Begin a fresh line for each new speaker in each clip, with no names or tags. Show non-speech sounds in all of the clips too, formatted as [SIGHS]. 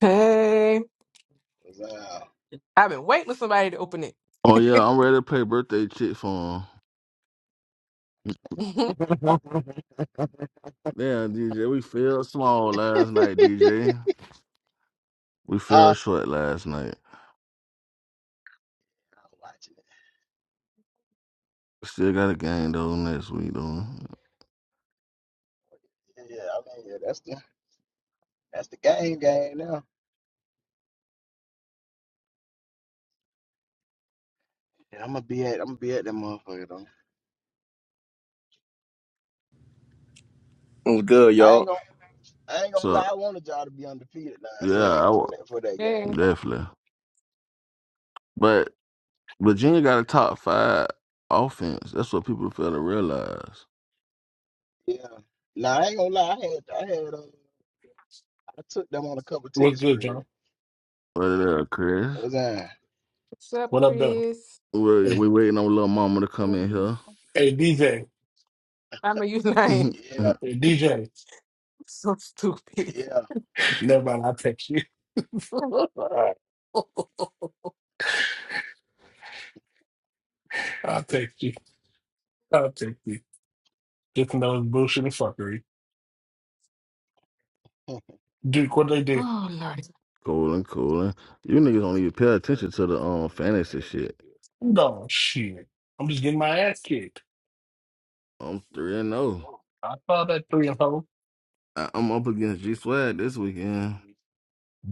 Hey,
Was out.
I've been waiting for somebody to open it.
Oh yeah, I'm ready to play birthday chick for him.
[LAUGHS]
Huh? [LAUGHS]
Damn, DJ, we fell small last night, DJ. We fell short last night.
I'm watching it.
Still got a game though next week though.
Yeah, yeah, I mean, yeah, that's the that's the game game now. And I'm gonna be at I'm gonna be at that motherfucker though.
I'm good,
I
y'all?
ain't gonna I ain't gonna
So
lie. I wanted y'all to be undefeated. Now I'm
yeah,
saying
I
for
will
that for that
hey,
game. No.
definitely. But Virginia got a top five offense. That's what people fail to realize.
Yeah. Nah, I ain't gonna lie. I had I had uh, I took them on a couple
What's
tickets for
good, John?
real.
Right there, Chris?
Was I?
what's up,
What up, though?
Chris?
We
Hey,
we waiting on little mama to come in
Um,
here.
hey, DJ.
I know you lying. [LAUGHS]
Yeah.
[LAUGHS]
Hey, DJ.
So stupid.
Yeah.
Never mind. I'll text you. [LAUGHS] I'll text you. I'll text you. Just to know it's bullshit and fuckery.
[LAUGHS]
Duke, what they do?
Oh Lordy.
cooling, cooling. You niggas don't even pay attention to the um fantasy shit.
No, shit. I'm just getting my ass kicked.
I'm three and zero.
I saw that three and four.
I, I'm up against G Swag this weekend.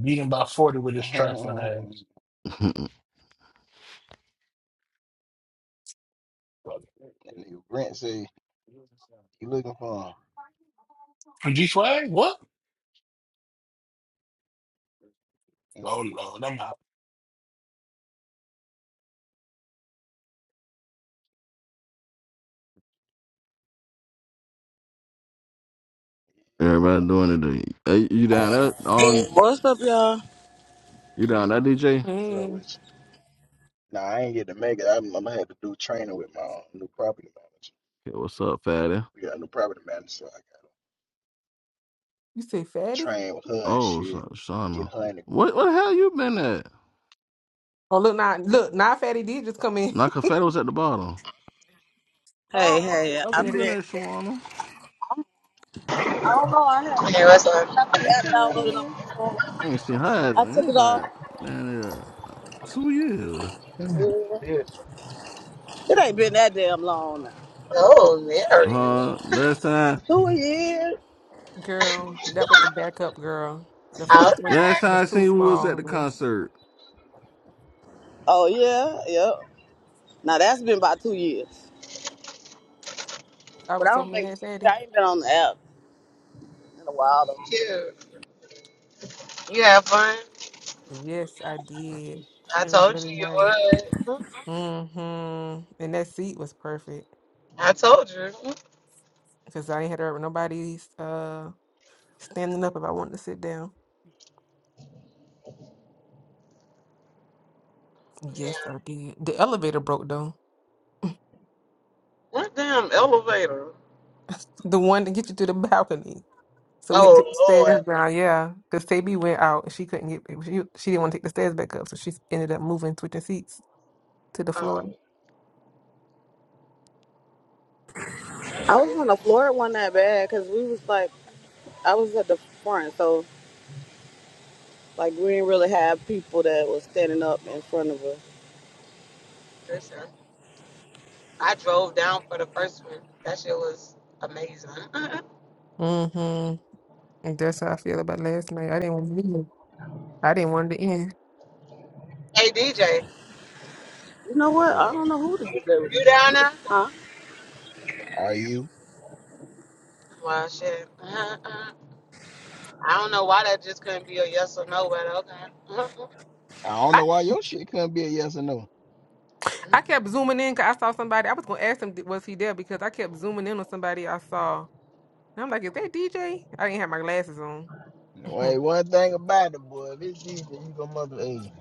Beating by 40 with his trifling
that
ass.
[LAUGHS]
nigga Brent say he looking for
G Swag? What?
him.
Oh, no.
Everybody doing it. today. Hey, you down there? On
What's up, y'all?
you down there, DJ?
What's
Hey,
up with you? Nah, I ain't get to make it. I'm, I'm gonna have to do training with my own new property manager.
Okay, what's up, fatty?
We got a new property manager, so I got
you say
to
fatty?
train with her and
Oh,
shit.
Sha-
Get
Shauna.
her in the
What what
groove.
the hell you been at?
Oh look, now look, now fatty did just come in.
Knock her fatty was at the bottom.
[LAUGHS]
Hey,
oh,
hey,
Well,
okay,
I've
you
okay.
been
been.
at Shawana?
I don't know. I had. I
There was like,
didn't have the
Hey,
app downloaded on
fatty.
my phone.
I ain't seen her ass
I
in
took
here
it off.
about down there two years.
Mm,
Yeah.
shit.
It ain't been that damn long now.
oh, Mary.
Uh, last time,
Two years.
Girl, that was the backup girl. The first one
last
Okay,
was
time I seen
too
you was
small.
at the
honey.
concert.
Oh yeah, yep. Now that's been about two years.
I
But I
was so
don't think
mad,
yeah,
fatty.
I ain't been on the app in a while though.
cute. You have fun?
Yes, I did.
I
It was
told you
really nice.
you would.
Mm-hmm. And that seat was perfect.
I told you.
because I ain't had to hurt nobody's uh standing up if I wanted to sit down.
Yeah.
Yes, I did. The elevator broke though.
What damn elevator?
The one to get you to the [LAUGHS] balcony. So we had to take the
Oh, Lord.
stairs down, yeah. Because Taby went out and she couldn't get she, she didn't want to take the stairs back up, so she ended up moving, switching seats to the
Oh,
floor.
that's
I was
crazy.
on the floor one that bad because we was like I was at the front, so like we didn't really have people that was standing up in front of us.
Listen, I drove down for the first one. That shit was amazing. [LAUGHS] hey,
Mm-hmm. And that's how I feel about last night. I didn't want to leave. I didn't want it to end.
DJ,
You know
What's
what? I
up?
don't know who to do that with.
you down there?
Huh?
Are you?
Well, shit. Uh, uh. I don't know why that just couldn't be a yes or no, but
I don't
I,
know why your shit couldn't be a yes or no.
okay.
I
[LAUGHS]
kept zooming in because I saw somebody. I was gonna ask him was he there because I kept zooming in on somebody I saw. And I'm like, is that DJ? I didn't have my glasses on.
Wait,
[LAUGHS]
one thing about it, boy. If it's DJ, you gonna mother. Hey,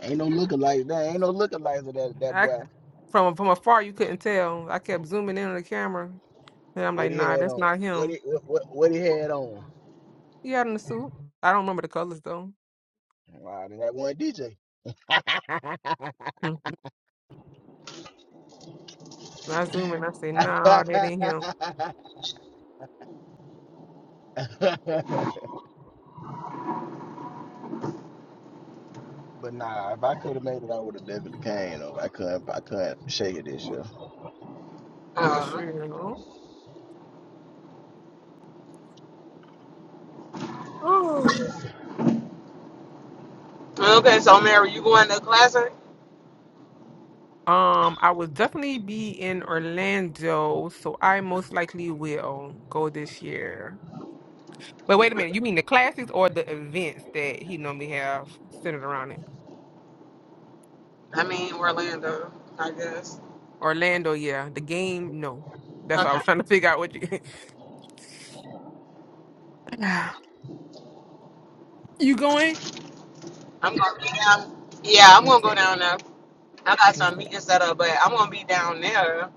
ain't no lookalikes. There ain't no lookalikes of that that
I
boy.
from from afar you couldn't tell. I kept zooming in on the camera, and I'm
What
like,
he
nah,
had
that's
on?
not
What
him.
he what what, what he had on?
He out in the suit. I don't remember the colors though.
Wow, then that one DJ.
[LAUGHS] When I zoom in, I say, nah, that ain't him.
[LAUGHS] But nah, if I could have made it, I would have definitely came. Though I couldn't, I couldn't shake it this year.
Uh,
True. [LAUGHS] [SIGHS]
okay, so Mary, you going to class?
Um, I will definitely be in Orlando, so I most likely will go this year. But wait a minute, you mean the classics or the events that he normally have centered around it?
I mean Orlando, I guess.
Orlando, yeah. The game, no. That's why I
Okay.
was trying to [LAUGHS] figure out what you [SIGHS] [LAUGHS] You going?
I'm gonna be down yeah, I'm gonna go
Okay.
down there. I got some
Okay.
meetings set up, but I'm gonna be down there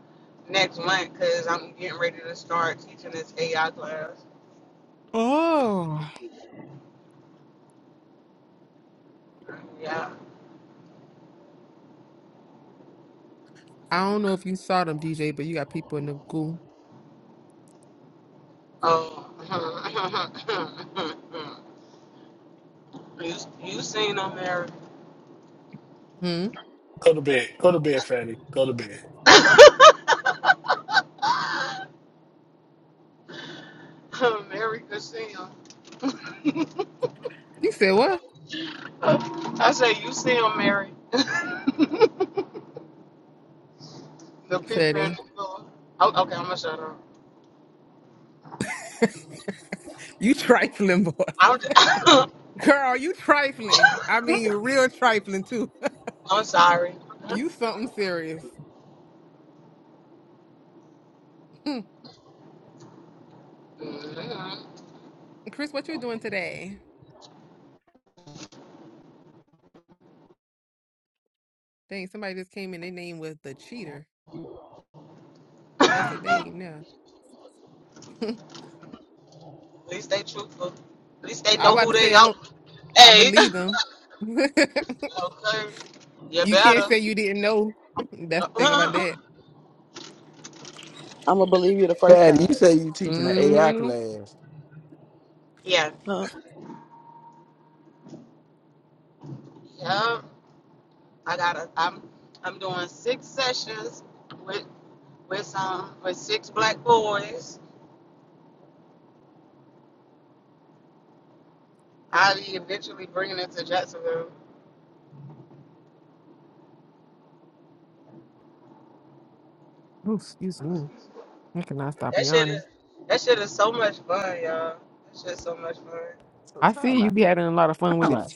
next month because I'm getting ready to start teaching this AI class.
Oh,
Yeah.
I don't know if you saw them, DJ, but you got people in the goo.
Oh. [LAUGHS] you you seen them, Mary? [LAUGHS]
Hmm.
Go to bed. Go to bed, Fatty. Go to bed.
Mary could see 'em.
You said what,
[LAUGHS] I say you see them, Mary. [LAUGHS] the people in the
Fatty?
store. Oh, okay, I'm gonna shut up.
You trifling, boy.
I'm, [LAUGHS] [COUGHS]
[LAUGHS] Girl, you trifling. I mean, real trifling too.
I'm sorry.
You something serious. Hmm.
Mhm. At
Chris, what you doing today? Dang, somebody just came in. Their name was the cheater. Now that's a name now. [LAUGHS]
least they truthful. At least they
I
know
about
who
to
they
say I'm
are.
a, I
Hey.
believe them. [LAUGHS] you
[LAUGHS] okay. You
can't
better.
say you didn't know. That's the
[LAUGHS]
thing about that.
I'm gonna believe you the first
Fast
time.
say you teaching an AI
hmm
class.
yeah.
Huh?
Yep. I gotta I'm I'm doing six sessions with with some with six black boys. I'll be eventually bringing it to Jacksonville.
Oof, excuse me. I cannot stop
That shit
yawning.
is that shit is so much fun, y'all. That shit's so much fun.
So
I see
time
you
out,
be having a lot of fun with
time
it.
out,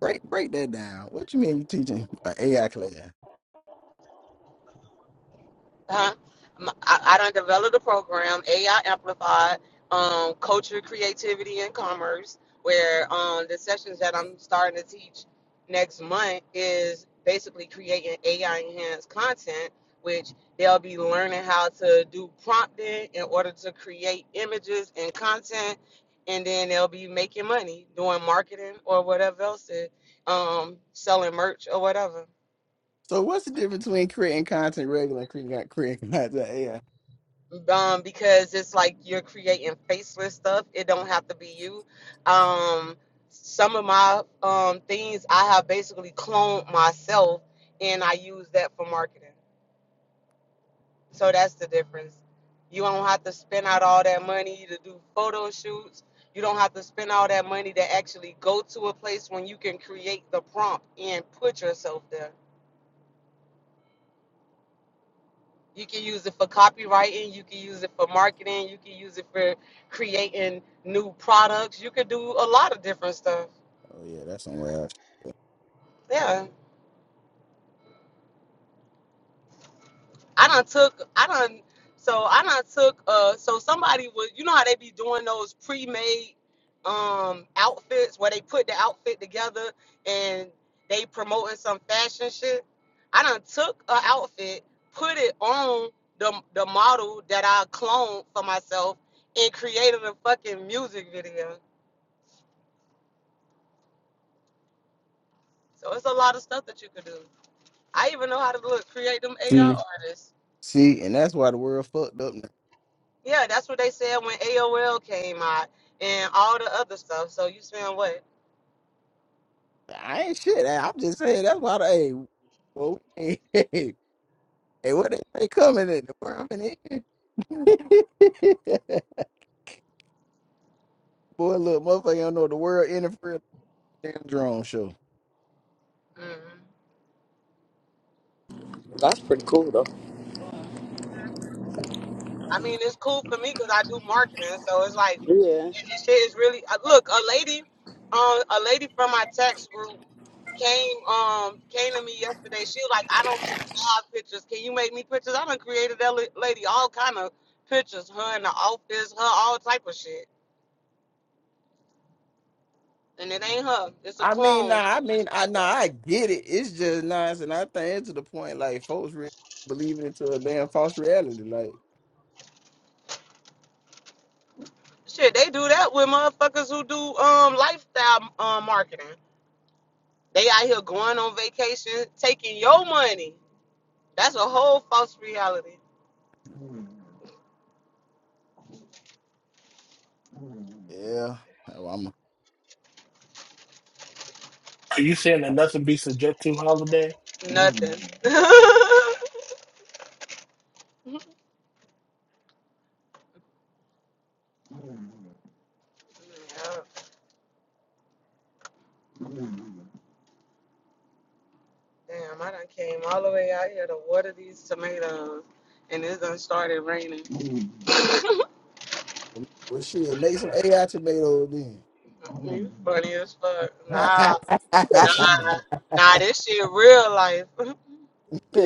break an AI class.
Huh? M- I, I done developed a program, AI Amplified, um, Culture, Creativity, and Commerce, where um, the sessions that I'm starting to teach next month is basically creating AI enhanced content, which they'll be learning how to do prompting in order to create images and content. And then they'll be making money doing marketing or whatever else, it- um, selling merch or whatever.
So what's the difference between creating content regular and creating creating [LAUGHS] content AI?
um, because it's like you're creating faceless stuff. It don't have to be you. Um, some of my um, things I have basically cloned myself, and I use that for marketing. So that's the difference. You don't have to spend out all that money to do photo shoots. You don't have to spend all that money to actually go to a place when you can create the prompt and put yourself there. You can use it for copywriting. You can use it for marketing. You can use it for creating new products. You could do a lot of different stuff.
Oh yeah, that's somewhere else.
Yeah. I done took, I done, so I done took, uh, so somebody was, you know how they be doing those pre-made um outfits where they put the outfit together and they promoting some fashion shit. I done took a outfit, put it on the the model that I cloned for myself and created a fucking music video. So it's a lot of stuff that you could do. I even know how to look, create them AI
See,
artists.
see, and that's why the world fucked up. Now.
Yeah, that's what they said when AOL came out and all the other stuff. So you spend what?
I ain't shit. I- I'm just saying that's why they. Well, [LAUGHS] hey, hey, what they say coming in the world in [LAUGHS] Boy, look, motherfucker, don't know the world interfering with the damn drone show.
hmm I mean, it's cool for me because I do marketing. So it's like,
Yeah.
if your shit is really uh, look, a lady, uh, a lady from my tax group came um came to me yesterday. She was like, I don't even have pictures. Can you make me pictures? I done created that la- lady all kind of pictures. Her in the office, her all type of shit. And it ain't her. It's a
I mean,
clone. It's
nah, I
just
mean, I
like
nah,
her.
I get it. It's just nice, and I think it's to the point like folks really believing into a damn false reality. Like,
Shit, they do that with motherfuckers who do um lifestyle um marketing. They out here going on vacation, taking your money. That's a whole false reality. Mm. Mm.
yeah, well, I'm
Are you saying that nothing be subject to holiday?
Nothing. [LAUGHS] Mm. Yeah. Damn, I done came all the way out here to water these tomatoes, and it's done started raining. [LAUGHS]
a, well, shit, make some AI tomatoes then.
You funny as fuck. Nah, nah,
Petty,
[LAUGHS]
What's
nah. This shit real life. [LAUGHS]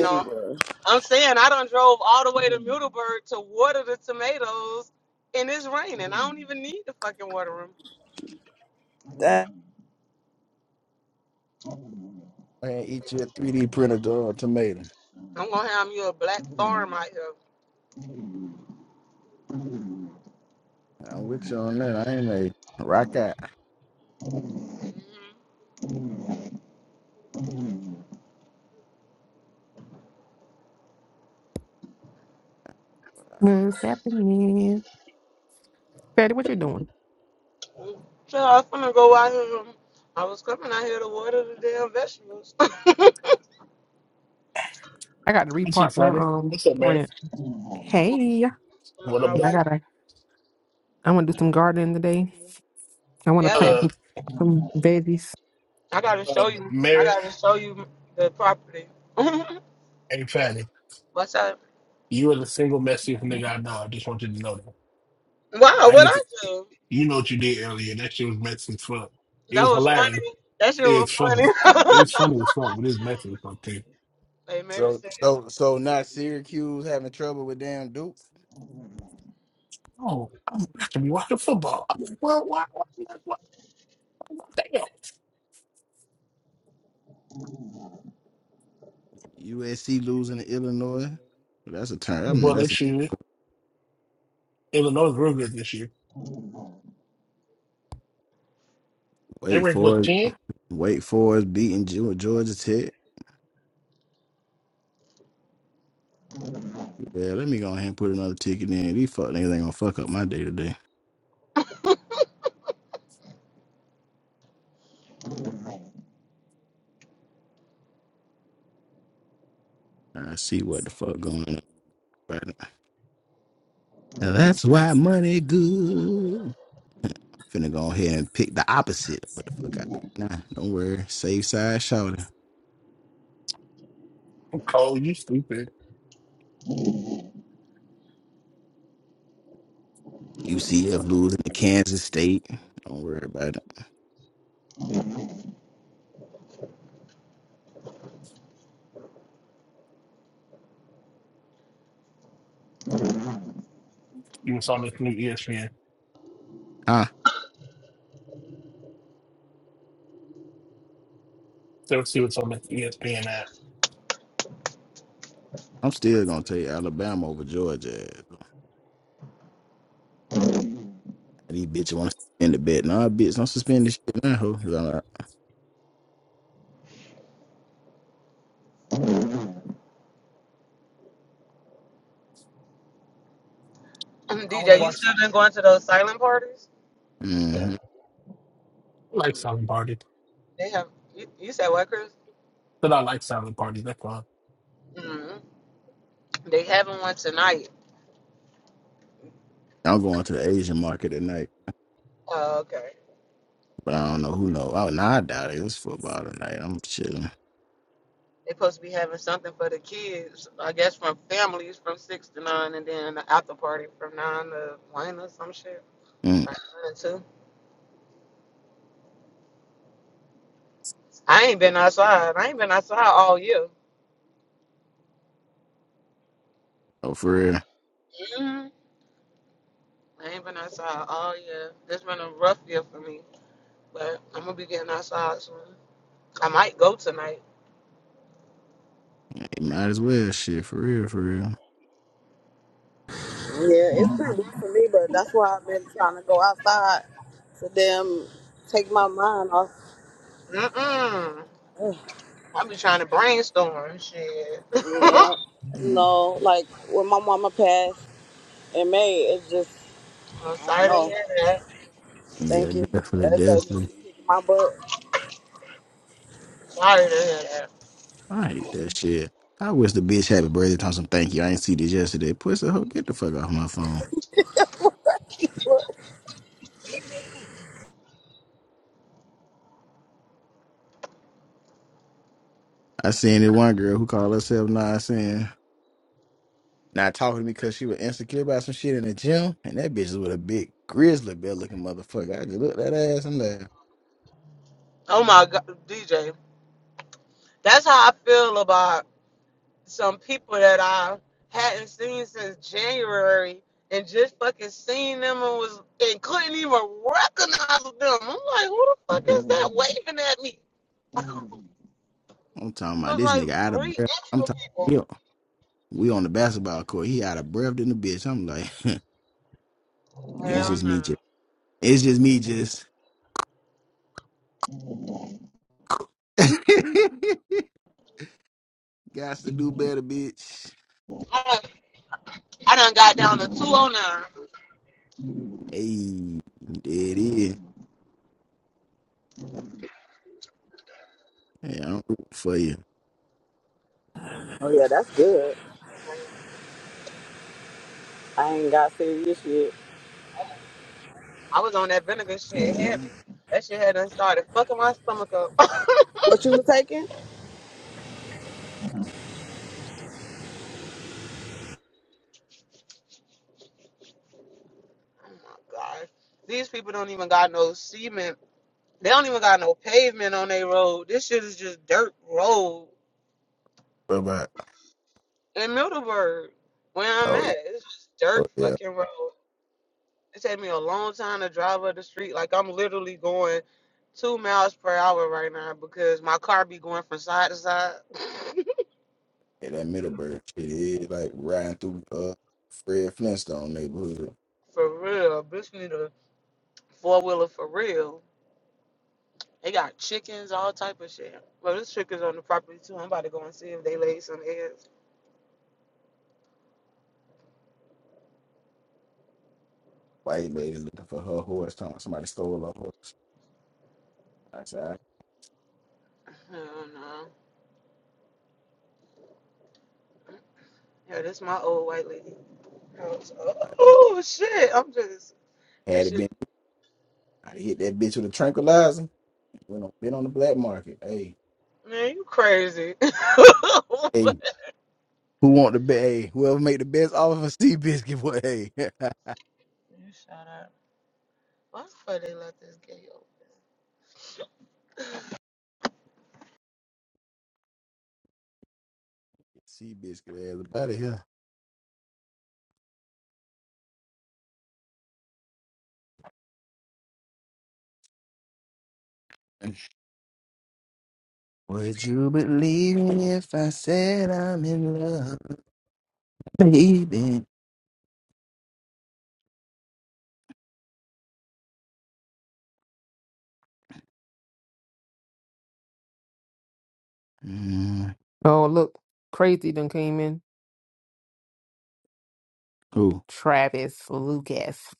No,
bro.
I'm saying I done drove all the way to Middleburg to water the tomatoes, and it's raining. I don't even need to fucking water
That,
them.
Man, eat your 3D printed uh, tomato.
I'm gonna have you a black farm out here. Mhm.
I'm with you on that. I ain't made rock out.
What's happening? Fatty, what you doing?
So I'm gonna go out here. I was coming out here to water the damn vegetables. [LAUGHS] I'm
I got to repark
up,
my
Fatty?
um
What's up, Mary?
plant.
on
Hey.
What
my
up,
I
way.
though?
gotta I'm gonna do some gardening today. I want to
yeah,
play
Uh,
some veggies.
I gotta
uh,
show you. I
Mary,
gotta show you the property. [LAUGHS]
hey, Fatty,
What's up?
you are the single messiest nigga I know. I just want you to know that.
Wow,
I
what
get
I
to,
do?
you know what you did earlier. That shit was messy as fuck. It
That
was
was funny.
hilarious.
That shit
It
was
was funny.
funny.
It was funny as fuck, but it's messy as fuck, too.
[LAUGHS] like maybe
So,
say
so, so not Syracuse having trouble with damn Duke.
Oh, I'm not to be watching football. I'm like, well, why, why, why, why, why,
USC losing to Illinois. That's a turn. I mean,
Well,
that's a
this year, Illinois is real good this year. They
wait
ranked
for
what
it.
ten?
Wake Forest beating Ge- Georgia Tech. Yeah, let me go ahead and put another ticket in. These fuck niggas ain't gonna fuck up my day today. I see what the fuck going on right now. Now that's why money good. Finna go ahead and pick the opposite. of What the fuck I do? Nah, don't worry. Safe side shouting.
Cole, you stupid.
UCF losing to Kansas State. Don't worry about it.
You was on this new ESPN.
Ah,
So see what's on this ESPN app.
I'm still gonna take Alabama over Georgia. These bitches want to suspend the bet. Nah, bitch, don't suspend this shit now, ho. 'Cause I'm like,
I want to
DJ, you
watch
still been going to those silent parties?
mhm.
I like
Mm.
silent party,
They have. You, you said what, Chris?
but I like silent parties. That's why.
mm They having one tonight.
I'm going to the Asian market tonight.
Oh, okay.
But I don't know who know. Oh, nah, I doubt it. It's football tonight. I'm chilling.
They supposed to be having something for the kids, I guess, from families from six to nine, and then the after party from nine to one or some shit.
Mm.
Or nine to two. I ain't been outside. I ain't been outside all year.
Oh, for real.
Mhm. I ain't been outside all year. It's been a rough year for me, but I'm gonna be getting outside soon. I might go tonight.
It might as well. Shit, for real, for real.
yeah, it's pretty rough for me, but that's why I've been trying to go outside to them take my mind off.
Mm-mm. I be trying to brainstorm shit. [LAUGHS]
Yeah.
I'm
No, like when my mama passed in May, it's just, I don't
sorry to
know.
hear that.
Yeah,
Thank you.
definitely,
That joke just
definitely.
kicking my butt.
Sorry to hear that.
I hate that shit. I wish the bitch had a brazen on some thank you. I ain't see this yesterday. Pussy hoe, get the fuck off my phone. I seen it one girl who called herself Nah saying not talking to me because she was insecure about some shit in the gym, and that bitch is with a big grizzly bear looking motherfucker. I just looked at that ass and laughed.
Oh my god, DJ. That's how I feel about some people that I hadn't seen since January and just fucking seen them and was and couldn't even recognize them. I'm like, who the fuck is that waving at me? [LAUGHS] There's
I'm talking about this
like
nigga out of
three
breath.
extra
I'm
people.
talking. We on the basketball court. He out of breath than the bitch. I'm like, [LAUGHS] it's
Hell
just
no.
me just. It's just me just. [LAUGHS] Got to do better, bitch.
I done, I done got down to 209.
Hey, there it is. Hey, I'm rooting for you.
Oh, yeah, that's good. I ain't got serious shit.
I was on that vinegar shit heavy. That shit had done started fucking my stomach up. [LAUGHS] oh
What you were taking?
my god. These people don't even got no cement. They don't even got no pavement on their road. This shit is just dirt road
What about?
in Middleburg, where I'm
Oh, yeah.
at. It's just dirt
Oh, yeah.
fucking road. It take me a long time to drive up the street. Like I'm literally going two miles per hour right now because my car be going from side to side. [LAUGHS]
Yeah, that Middleburg shit is like riding through uh Fred Flintstone neighborhood.
for real, bitch need a four wheeler for real. They got chickens, all type of shit. Well, this chicken's on the property too. I'm about to go and see if they laid some eggs.
White lady looking for her horse. Talking about somebody stole her horse. I said,
Hell no. Yeah, this my old white lady house. Oh shit, I'm just
I had
this
it
shit.
been, i hit that bitch with a tranquilizer. Went on, been on the black market. Hey,
Man, you crazy. [LAUGHS] you
hey, Who want the best? Hey, whoever make the best offer for Seabiscuit, boy. Hey, [LAUGHS]
shut up. Why the fuck they left this gate open?
Seabiscuit, ass about it here. Would you believe me if I said I'm in love, baby? Mm,
Oh, look, Crazy done came in.
who?
Travis Lucas.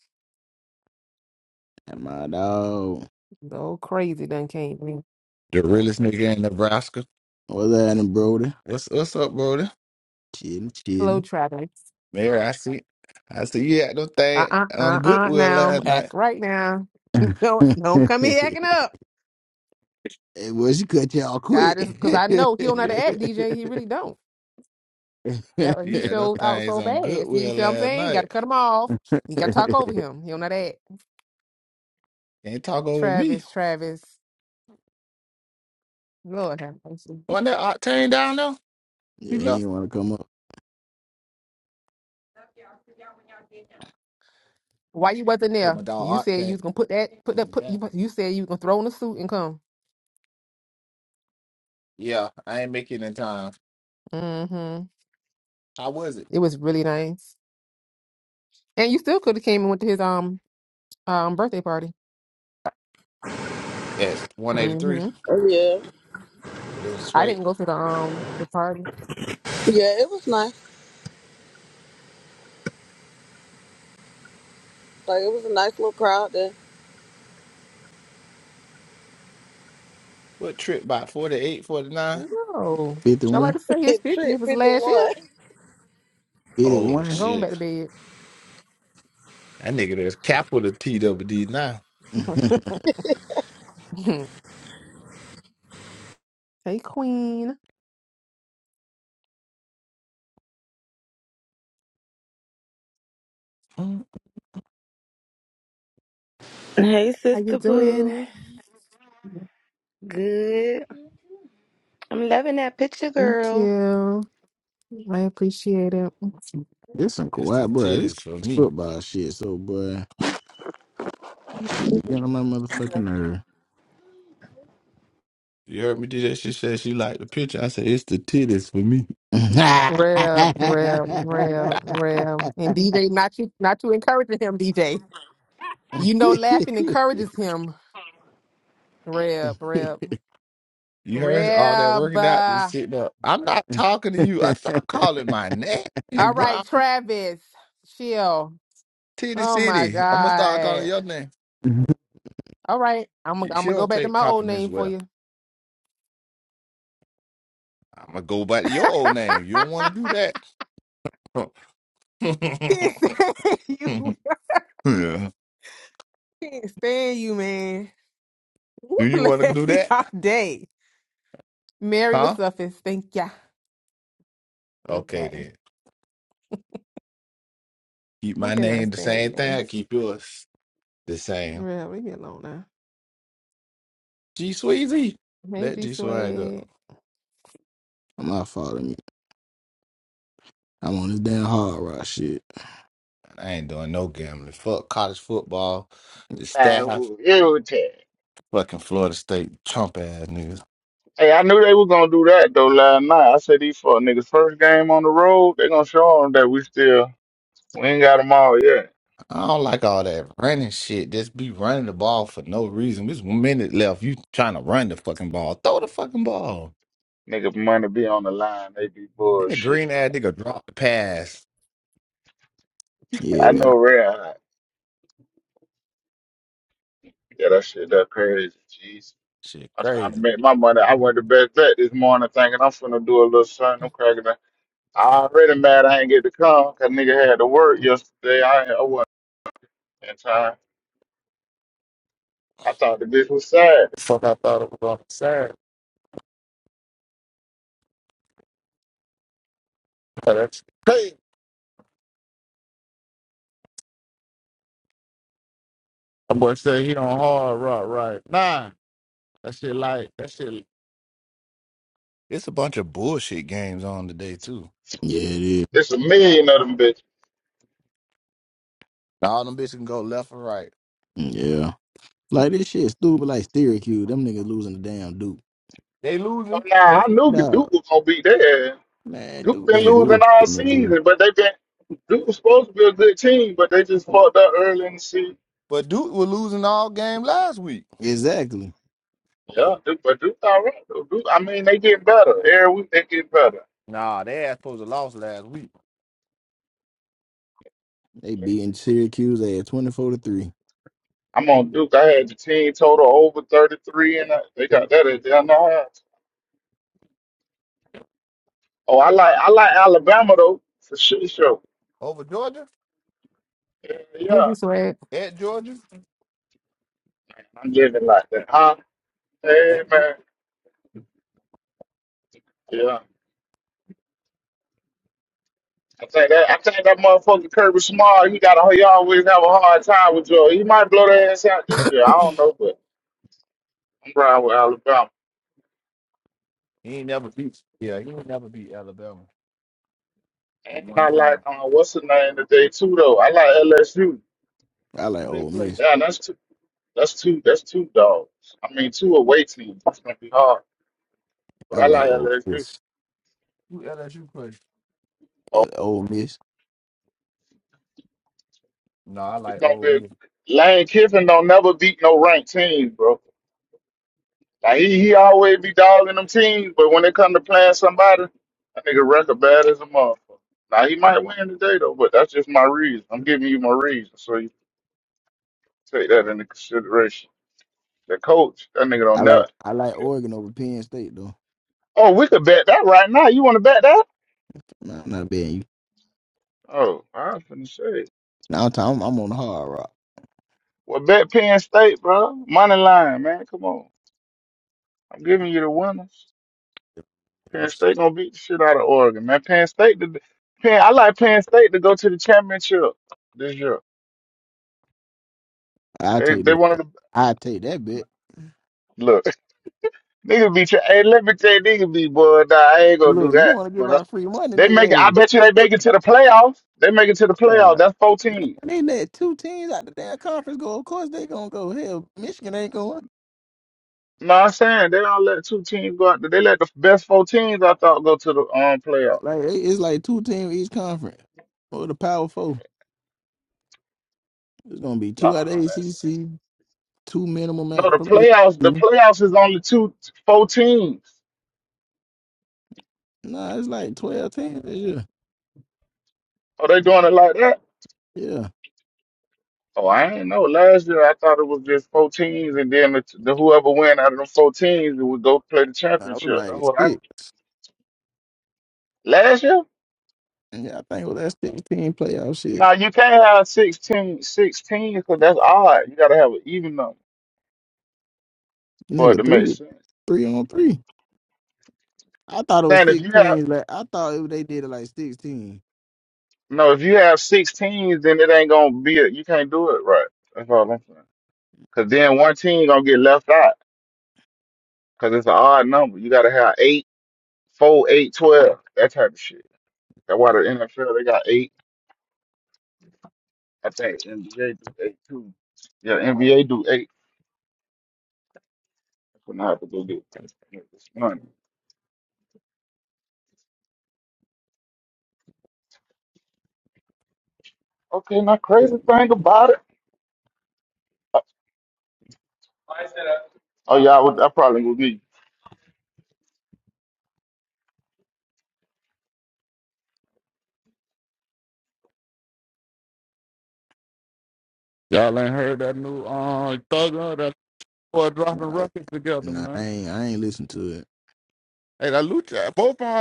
That my dog.
Oh, Crazy done came in.
The realest nigga in Nebraska.
What's happening, Brody?
What's what's up, brother?
Chilling,
Hello,
chilling.
Travis.
Mary, I see. I see you had them things
Uh-uh,
on
uh-uh,
Goodwill
now.
last night.
Act right now.
[LAUGHS]
[LAUGHS] don't, don't come here acting
hey,
up.
well, she cut y'all
God is,
quick. [LAUGHS]
because I
yeah,
know he don't know how
Yeah.
to act, DJ. He really don't. That
You
He
had them
showed out
things
so
on
bad. You see
Goodwill
what I'm
last
saying? Got to
night.
cut him off. You got to talk over him. He don't know that.
Can't talk over me.
Travis, Travis. Lord have mercy.
Wasn't that Octane down there? He
he
left.
ain't want to come up.
Why you wasn't
Put
there?
my
You
dog
said you
Octane
was gonna put that, put that,
on
put
yeah.
you. You said you was gonna throw in a suit and come.
yeah, I ain't making it in time.
hmm
How was it?
It was really nice, and you still could have came and went to his um um birthday party.
Yes, 183.
hmm
Oh, yeah.
It was
I
straight.
didn't go to the um the party.
Yeah, it was nice. Like, it was a nice little crowd there.
What trip by 48, 49?
No, i
Trip,
like
51?
to say his
[LAUGHS]
fifty.
trip
It was last year.
51.
Oh
51?
Going back
shit.
to
That nigga there's capital T double now.
bed.
[LAUGHS]
[LAUGHS] hey, Queen,
Mm,
Hey,
how you
Sister
doing?
Pooh. Good. I'm loving that picture,
Thank
girl.
you. I appreciate it.
This some
It's the
Kawhi, bro. This
titties for
is
me.
football shit. So, boy, this shit be getting on my motherfucking nerve.
You heard me do that. She said she liked the picture. I said it's the titties for me.
[LAUGHS]
Rev, rev, rev, rev, and DJ. Not you, not you encouraging him, DJ. You know, laughing encourages him. Reb, Reb,
my
You heard all that
Reb.
working out and
uh,
sitting up. I'm not talking to you. I stop calling my name,
All
bro.
right, Travis, chill.
Titty
Oh my
City. I'm gonna start calling
God.
your name.
All right, I'm gonna
She
I'm gonna go
don't
back to
take
my old
compliments
name for
well.
you.
I'm gonna go by
[LAUGHS]
your old name. You don't want to do that.
can't
[LAUGHS]
stand you.
yeah.
Can't stand you, man. You
Do you want to do
play [LAUGHS]
that?
all day. Mary with
Huh?
suffix. Thank ya.
Okay
Okay.
then. Keep
I
my
can
name the same
understand you.
thing. Keep yours the same.
Reb, leave me alone now.
G Sweezy.
Hey,
Let
G
G Swag
Swag.
fault. I mean, I'm on this damn hard rock shit.
I ain't doing no gambling. Fuck college football, the staff,
Man, irritated.
fucking Florida State Trump ass niggas.
Hey, I knew they were gonna do that though last night. I said these fuck niggas first game on the road, they gonna show them that we still we ain't got them all yet.
I don't like all that running shit. Just be running the ball for no reason. There's one minute left. You trying to run the fucking ball. Throw the fucking ball.
Niggas money be on the line, they be
And the green
bullshit.
ass nigga drop the pass.
I
Yeah,
know real hot. Yeah, that shit that crazy. Jeez.
Shit
I'm trying to
crazy.
make my money. I went to bed bet this morning thinking I'm finna do a little something. I'm cracking that. I already mad I ain't get to come 'cause nigga had to work yesterday. I, I wasn't in time. I thought the bitch was sad. Fuck, I thought it was on the side. Oh, that's crazy. That boy said he on hard rock, right? Nah, that shit like that shit.
It's a bunch of bullshit games on today too.
yeah, it is.
It's a million of them bitches.
Now all them bitches can go left or right.
Yeah, like this shit stupid. Like Syracuse, them niggas losing the damn Duke.
They
So
losing.
now I knew
Dog,
Duke was gonna be there.
man,
Duke
Duke
been
been
Shit, Duke.
losing
bullshitting
all
this year.
season, but they been Duke was supposed to be a good team, but they just fucked up early in the season.
But Duke was losing all game last week.
Exactly.
Yeah, Duke, but Duke all right though. Duke, I mean, they getting better every week. They get better.
Nah, they ass supposed to lost last week.
They beating Syracuse at twenty four to three.
I'm on
Yeah.
Duke. I had the team total over 33, and uh, they got that at down the half. Oh, I like I like Alabama though for shit show.
Over Georgia?
Yeah,
Hey,
yeah.
G Swag.
At Georgia?
I'm living like that, huh? Hey
At,
man, yeah. I think that I think that motherfucker Kirby Smart, he got a he always have a hard time with Joe. He might blow their ass out this year. I don't know, but I'm riding with Alabama.
he ain't never beat. Yeah, he ain't never beat Alabama. But
And
one
I like
time.
uh, what's the name today too though. I like LSU.
I like
Who they
Ole
play?
Miss.
Yeah, that's two. That's two. That's two dogs. I mean, two away teams. It's gonna be hard, but
I
I
like
like
Ole
LSU.
Miss.
Who LSU play?
Oh,
Uh, Ole Miss.
No, I
it's
like
gonna
old
be.
me.
Lane Kiffin don't never beat no ranked team, bro. Now he, he always be dogging them teams, but when it come to playing somebody, that nigga record bad as a motherfucker. Now he might win today though, but that's just my reason. I'm giving you my reason, so you take that into consideration. The coach, that nigga don't
I
know.
like I like Oregon over Penn State though.
Oh, we could bet that right now. You want to bet that?
Nah, not betting you.
Oh, I was finna say.
Now I'm, talking- I'm on the hard rock.
Well, bet Penn State, bro. Money line, man. Come on. I'm giving you the winners. Penn
niggas.
State gonna beat the shit out of Oregon, man. Penn State, the, Penn, I like Penn State to go to the championship this year.
I
They
take
they
that.
one of the
I take that bet.
look [LAUGHS] nigga be tra- hey let me tell you nigga be boy nah, I ain't gonna do
Look, you
that
want to give
but I,
out free money,
they make it
nigga?
I
Hey,
bet you they make it to the playoffs they make it to the playoffs
bro.
that's four teams
And they let two teams out the damn conference go. Of course they gonna go. Hell, Michigan ain't going.
no I'm saying they don't let two teams go out there. they let the best four teams I thought go to the um playoffs
Like it- it's like two teams each conference or the Power Four. It's gonna be
nah
two out of
man
ACC, two minimum
no
at
the
from
playoffs the
SEC.
playoffs is only two four teams
Nah, it's like twelve teams. Yeah,
are they doing it like that
yeah.
oh I ain't know last year I thought it was just four teams and then the, the whoever win out of them four teams would go play the
I was
championship that's
like
what I
six.
was. last year.
And I think it was that sixteen playoff shit.
Now you can't have 16, 16 because that's odd. You gotta have an even number for it to
Nigga,
make
three
sense.
three on three. I thought it was
Saying if you have
sixteen. Like I thought it, they did it like sixteen.
no, if you have sixteens, then it ain't gonna be. A, you can't do it right. That's all I'm saying. Cause then one team gonna get left out because it's an odd number. You gotta have eight, four, eight, twelve, that type of shit. That's why the NFL they got eight. I think NBA do eight too. Yeah, NBA do eight. That's what I have to go get this money. Okay, now crazy thing about it. Oh yeah, I, would, I probably would be. Y'all ain't heard that new uh thugger that boy dropping
Nah,
records together,
nah,
man.
I ain't I ain't listen to it.
Hey, that Lucha, both on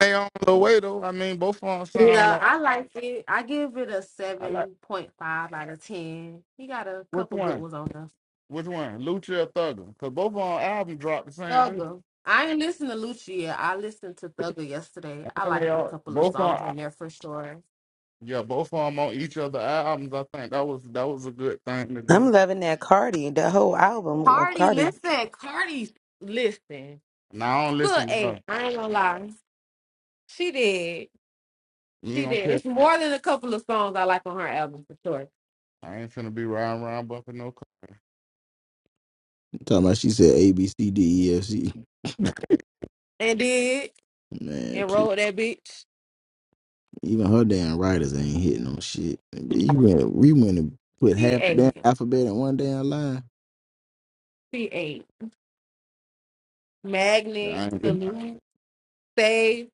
they on the way though. I mean, both on sound
Yeah,
like
I like it. I give it a
I like
seven point five out of ten. He got a
which
couple good
one?
ones on there.
Which one? Lucha or Thugger? Cause both on them album dropped the same day.
Thugger. I ain't listened to Lucia. I listened to Thugger yesterday. I
And
like
they
a
all
couple of
both
songs
on
on there for sure.
yeah, both of them on each other albums. I think that was that was a good thing to
I'm
do.
loving that Cardi, the whole album of
Cardi,
Cardi.
listen, Cardi, listen.
Now I don't
Good
listen to
eight.
her.
I ain't gonna lie. She did.
You
She
ain't
did.
gonna catch.
It's more than a couple of songs I like on her album for sure.
I ain't finna be riding around bumping no. car.
I'm talking about she said A B C D E F C.
And did
Man,
and
please.
wrote that bitch.
Even her damn writers ain't hitting on shit. You went we went and put
She
half the damn
ate.
alphabet in one damn line.
She ate.
Yeah,
Magnet,
I ain't.
salute, save.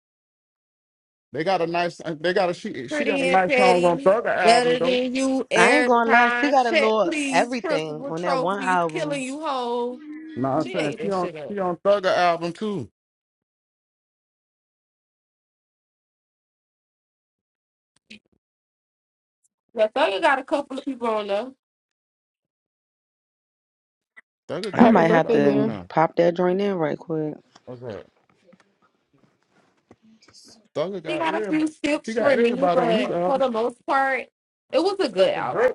They got a nice. They got a she. She got a
Pretty and
nice song on
petty.
Thugger album
Better
though.
than you,
I ain't gonna lie, she
airtime.
got a
Check,
little
please.
everything
Principal
on that one
trophies. Killing
album.
you whole.
No, I'm
She
saying
ate
she
this
on
shit up.
she on Thugger album too.
Latoya got a couple of people on there.
Thugger
I
got
Happy
might have
birthday,
everybody on
Mary.
to
now.
pop that joint in right quick.
Okay. Thugger
She
got
got a few
everybody. She
skips
got
for me,
everybody on his
but for
album.
the most part, it was a
Except
good
for
album.
Drake.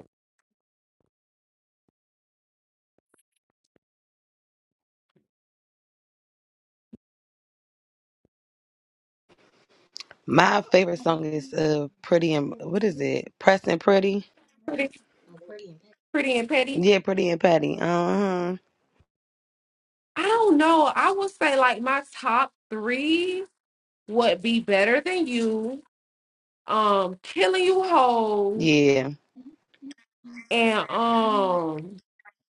My favorite song is uh Pretty and what is it? Press and Pretty.
Pretty, pretty and petty.
Yeah, Pretty and Patty. Uh huh.
I don't know. I would say like my top three would be better than you. Um, killing you whole.
Yeah,
And um,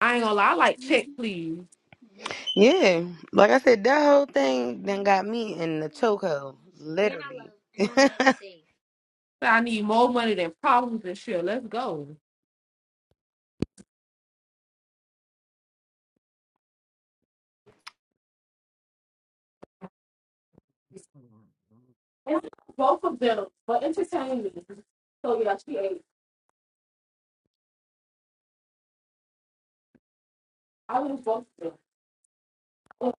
I ain't gonna lie, I like check please.
yeah. Like I said, that whole thing then got me in the chokehold, literally. [LAUGHS]
But I need more money than problems and shit. Let's go. And both of them were entertaining. So yeah, she ate. I was both of them. Oh,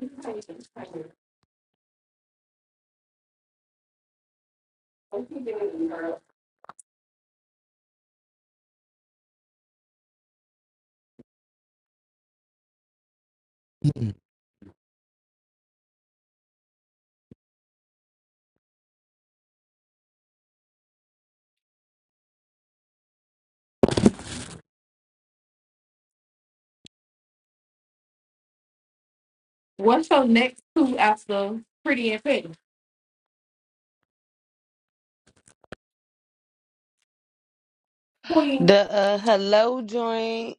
Entertaining, entertaining. And she did it, girl.
[CLEARS THROAT]
What's your next two after Pretty and Fit? Queen.
the uh hello joint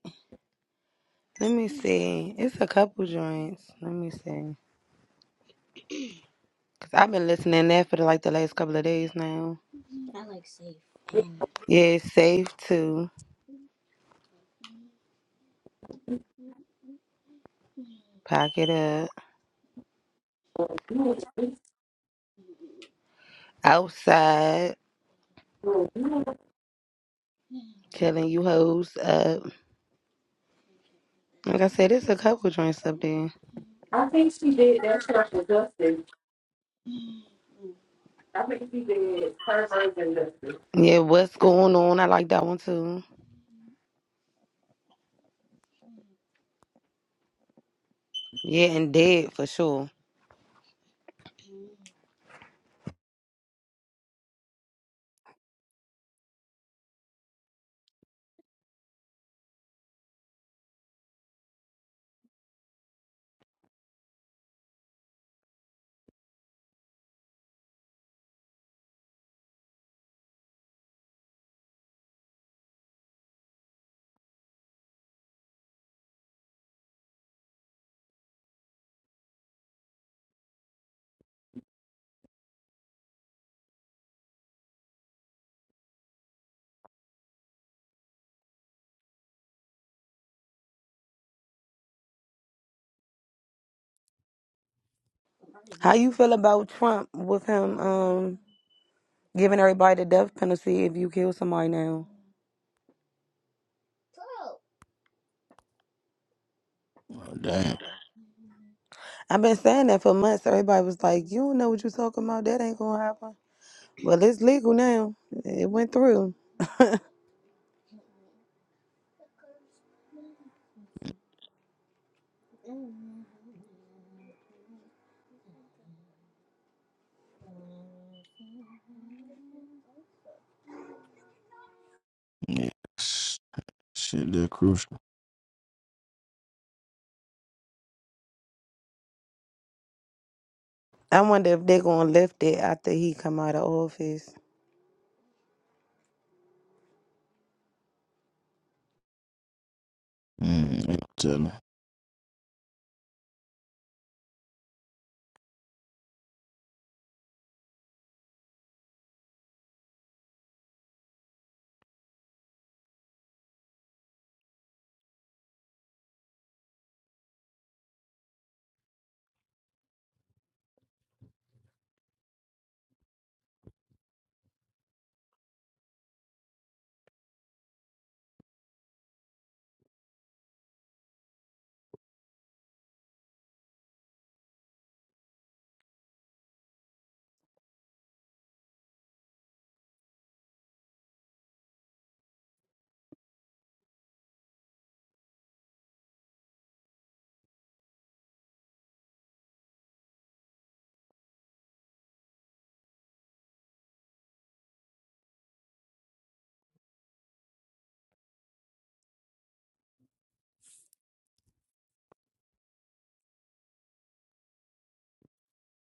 Let me see. It's a couple joints. Let me see. Cause I've been listening to that for the, like the last couple of days now. Yeah, it's safe to pack it up outside, killing you hoes up. Like I said, it's a couple joints up there.
I think she did that track with Dustin. I think she did her version Dustin.
Yeah, what's going on? I like that one too. Yeah, and dead for sure. How you feel about Trump with him um giving everybody the death penalty if you kill somebody now?
[LAUGHS] oh, damn.
I've been saying that for months. Everybody was like, "You don't know what you're talking about. That ain't gonna happen." Well, it's legal now. It went through. [LAUGHS]
Yeah. Shit, they're crucial.
I wonder if they're gonna lift it after he come out of office.
Mm, I ain't telling.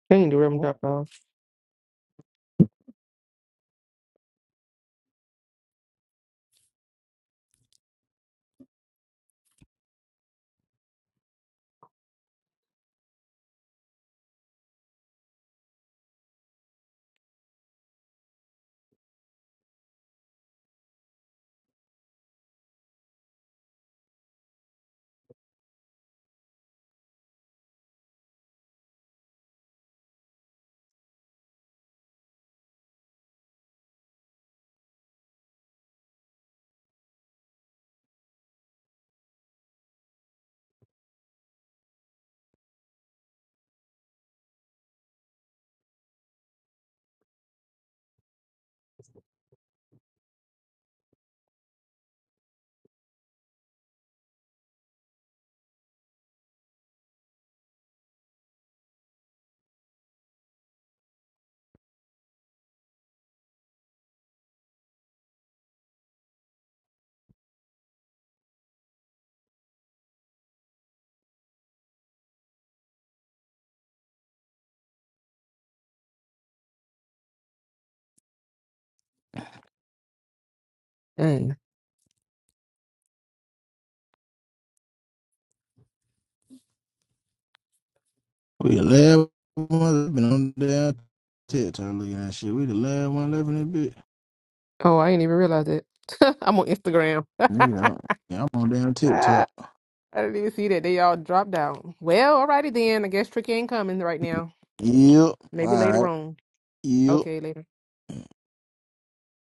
Dang, the rim dropped off. Dang.
We the last one that been on down TikTok looking at that shit. We the last one left in that bitch.
Oh, I didn't even realize it. [LAUGHS] I'm on Instagram. [LAUGHS]
Nigga, I'm yeah, I'm on down
I
TikTok.
didn't even see that. They all dropped out. Well, alrighty then. I guess Tricky ain't coming right now.
Yep.
Maybe
All
later
right.
on.
Yep.
Okay, later.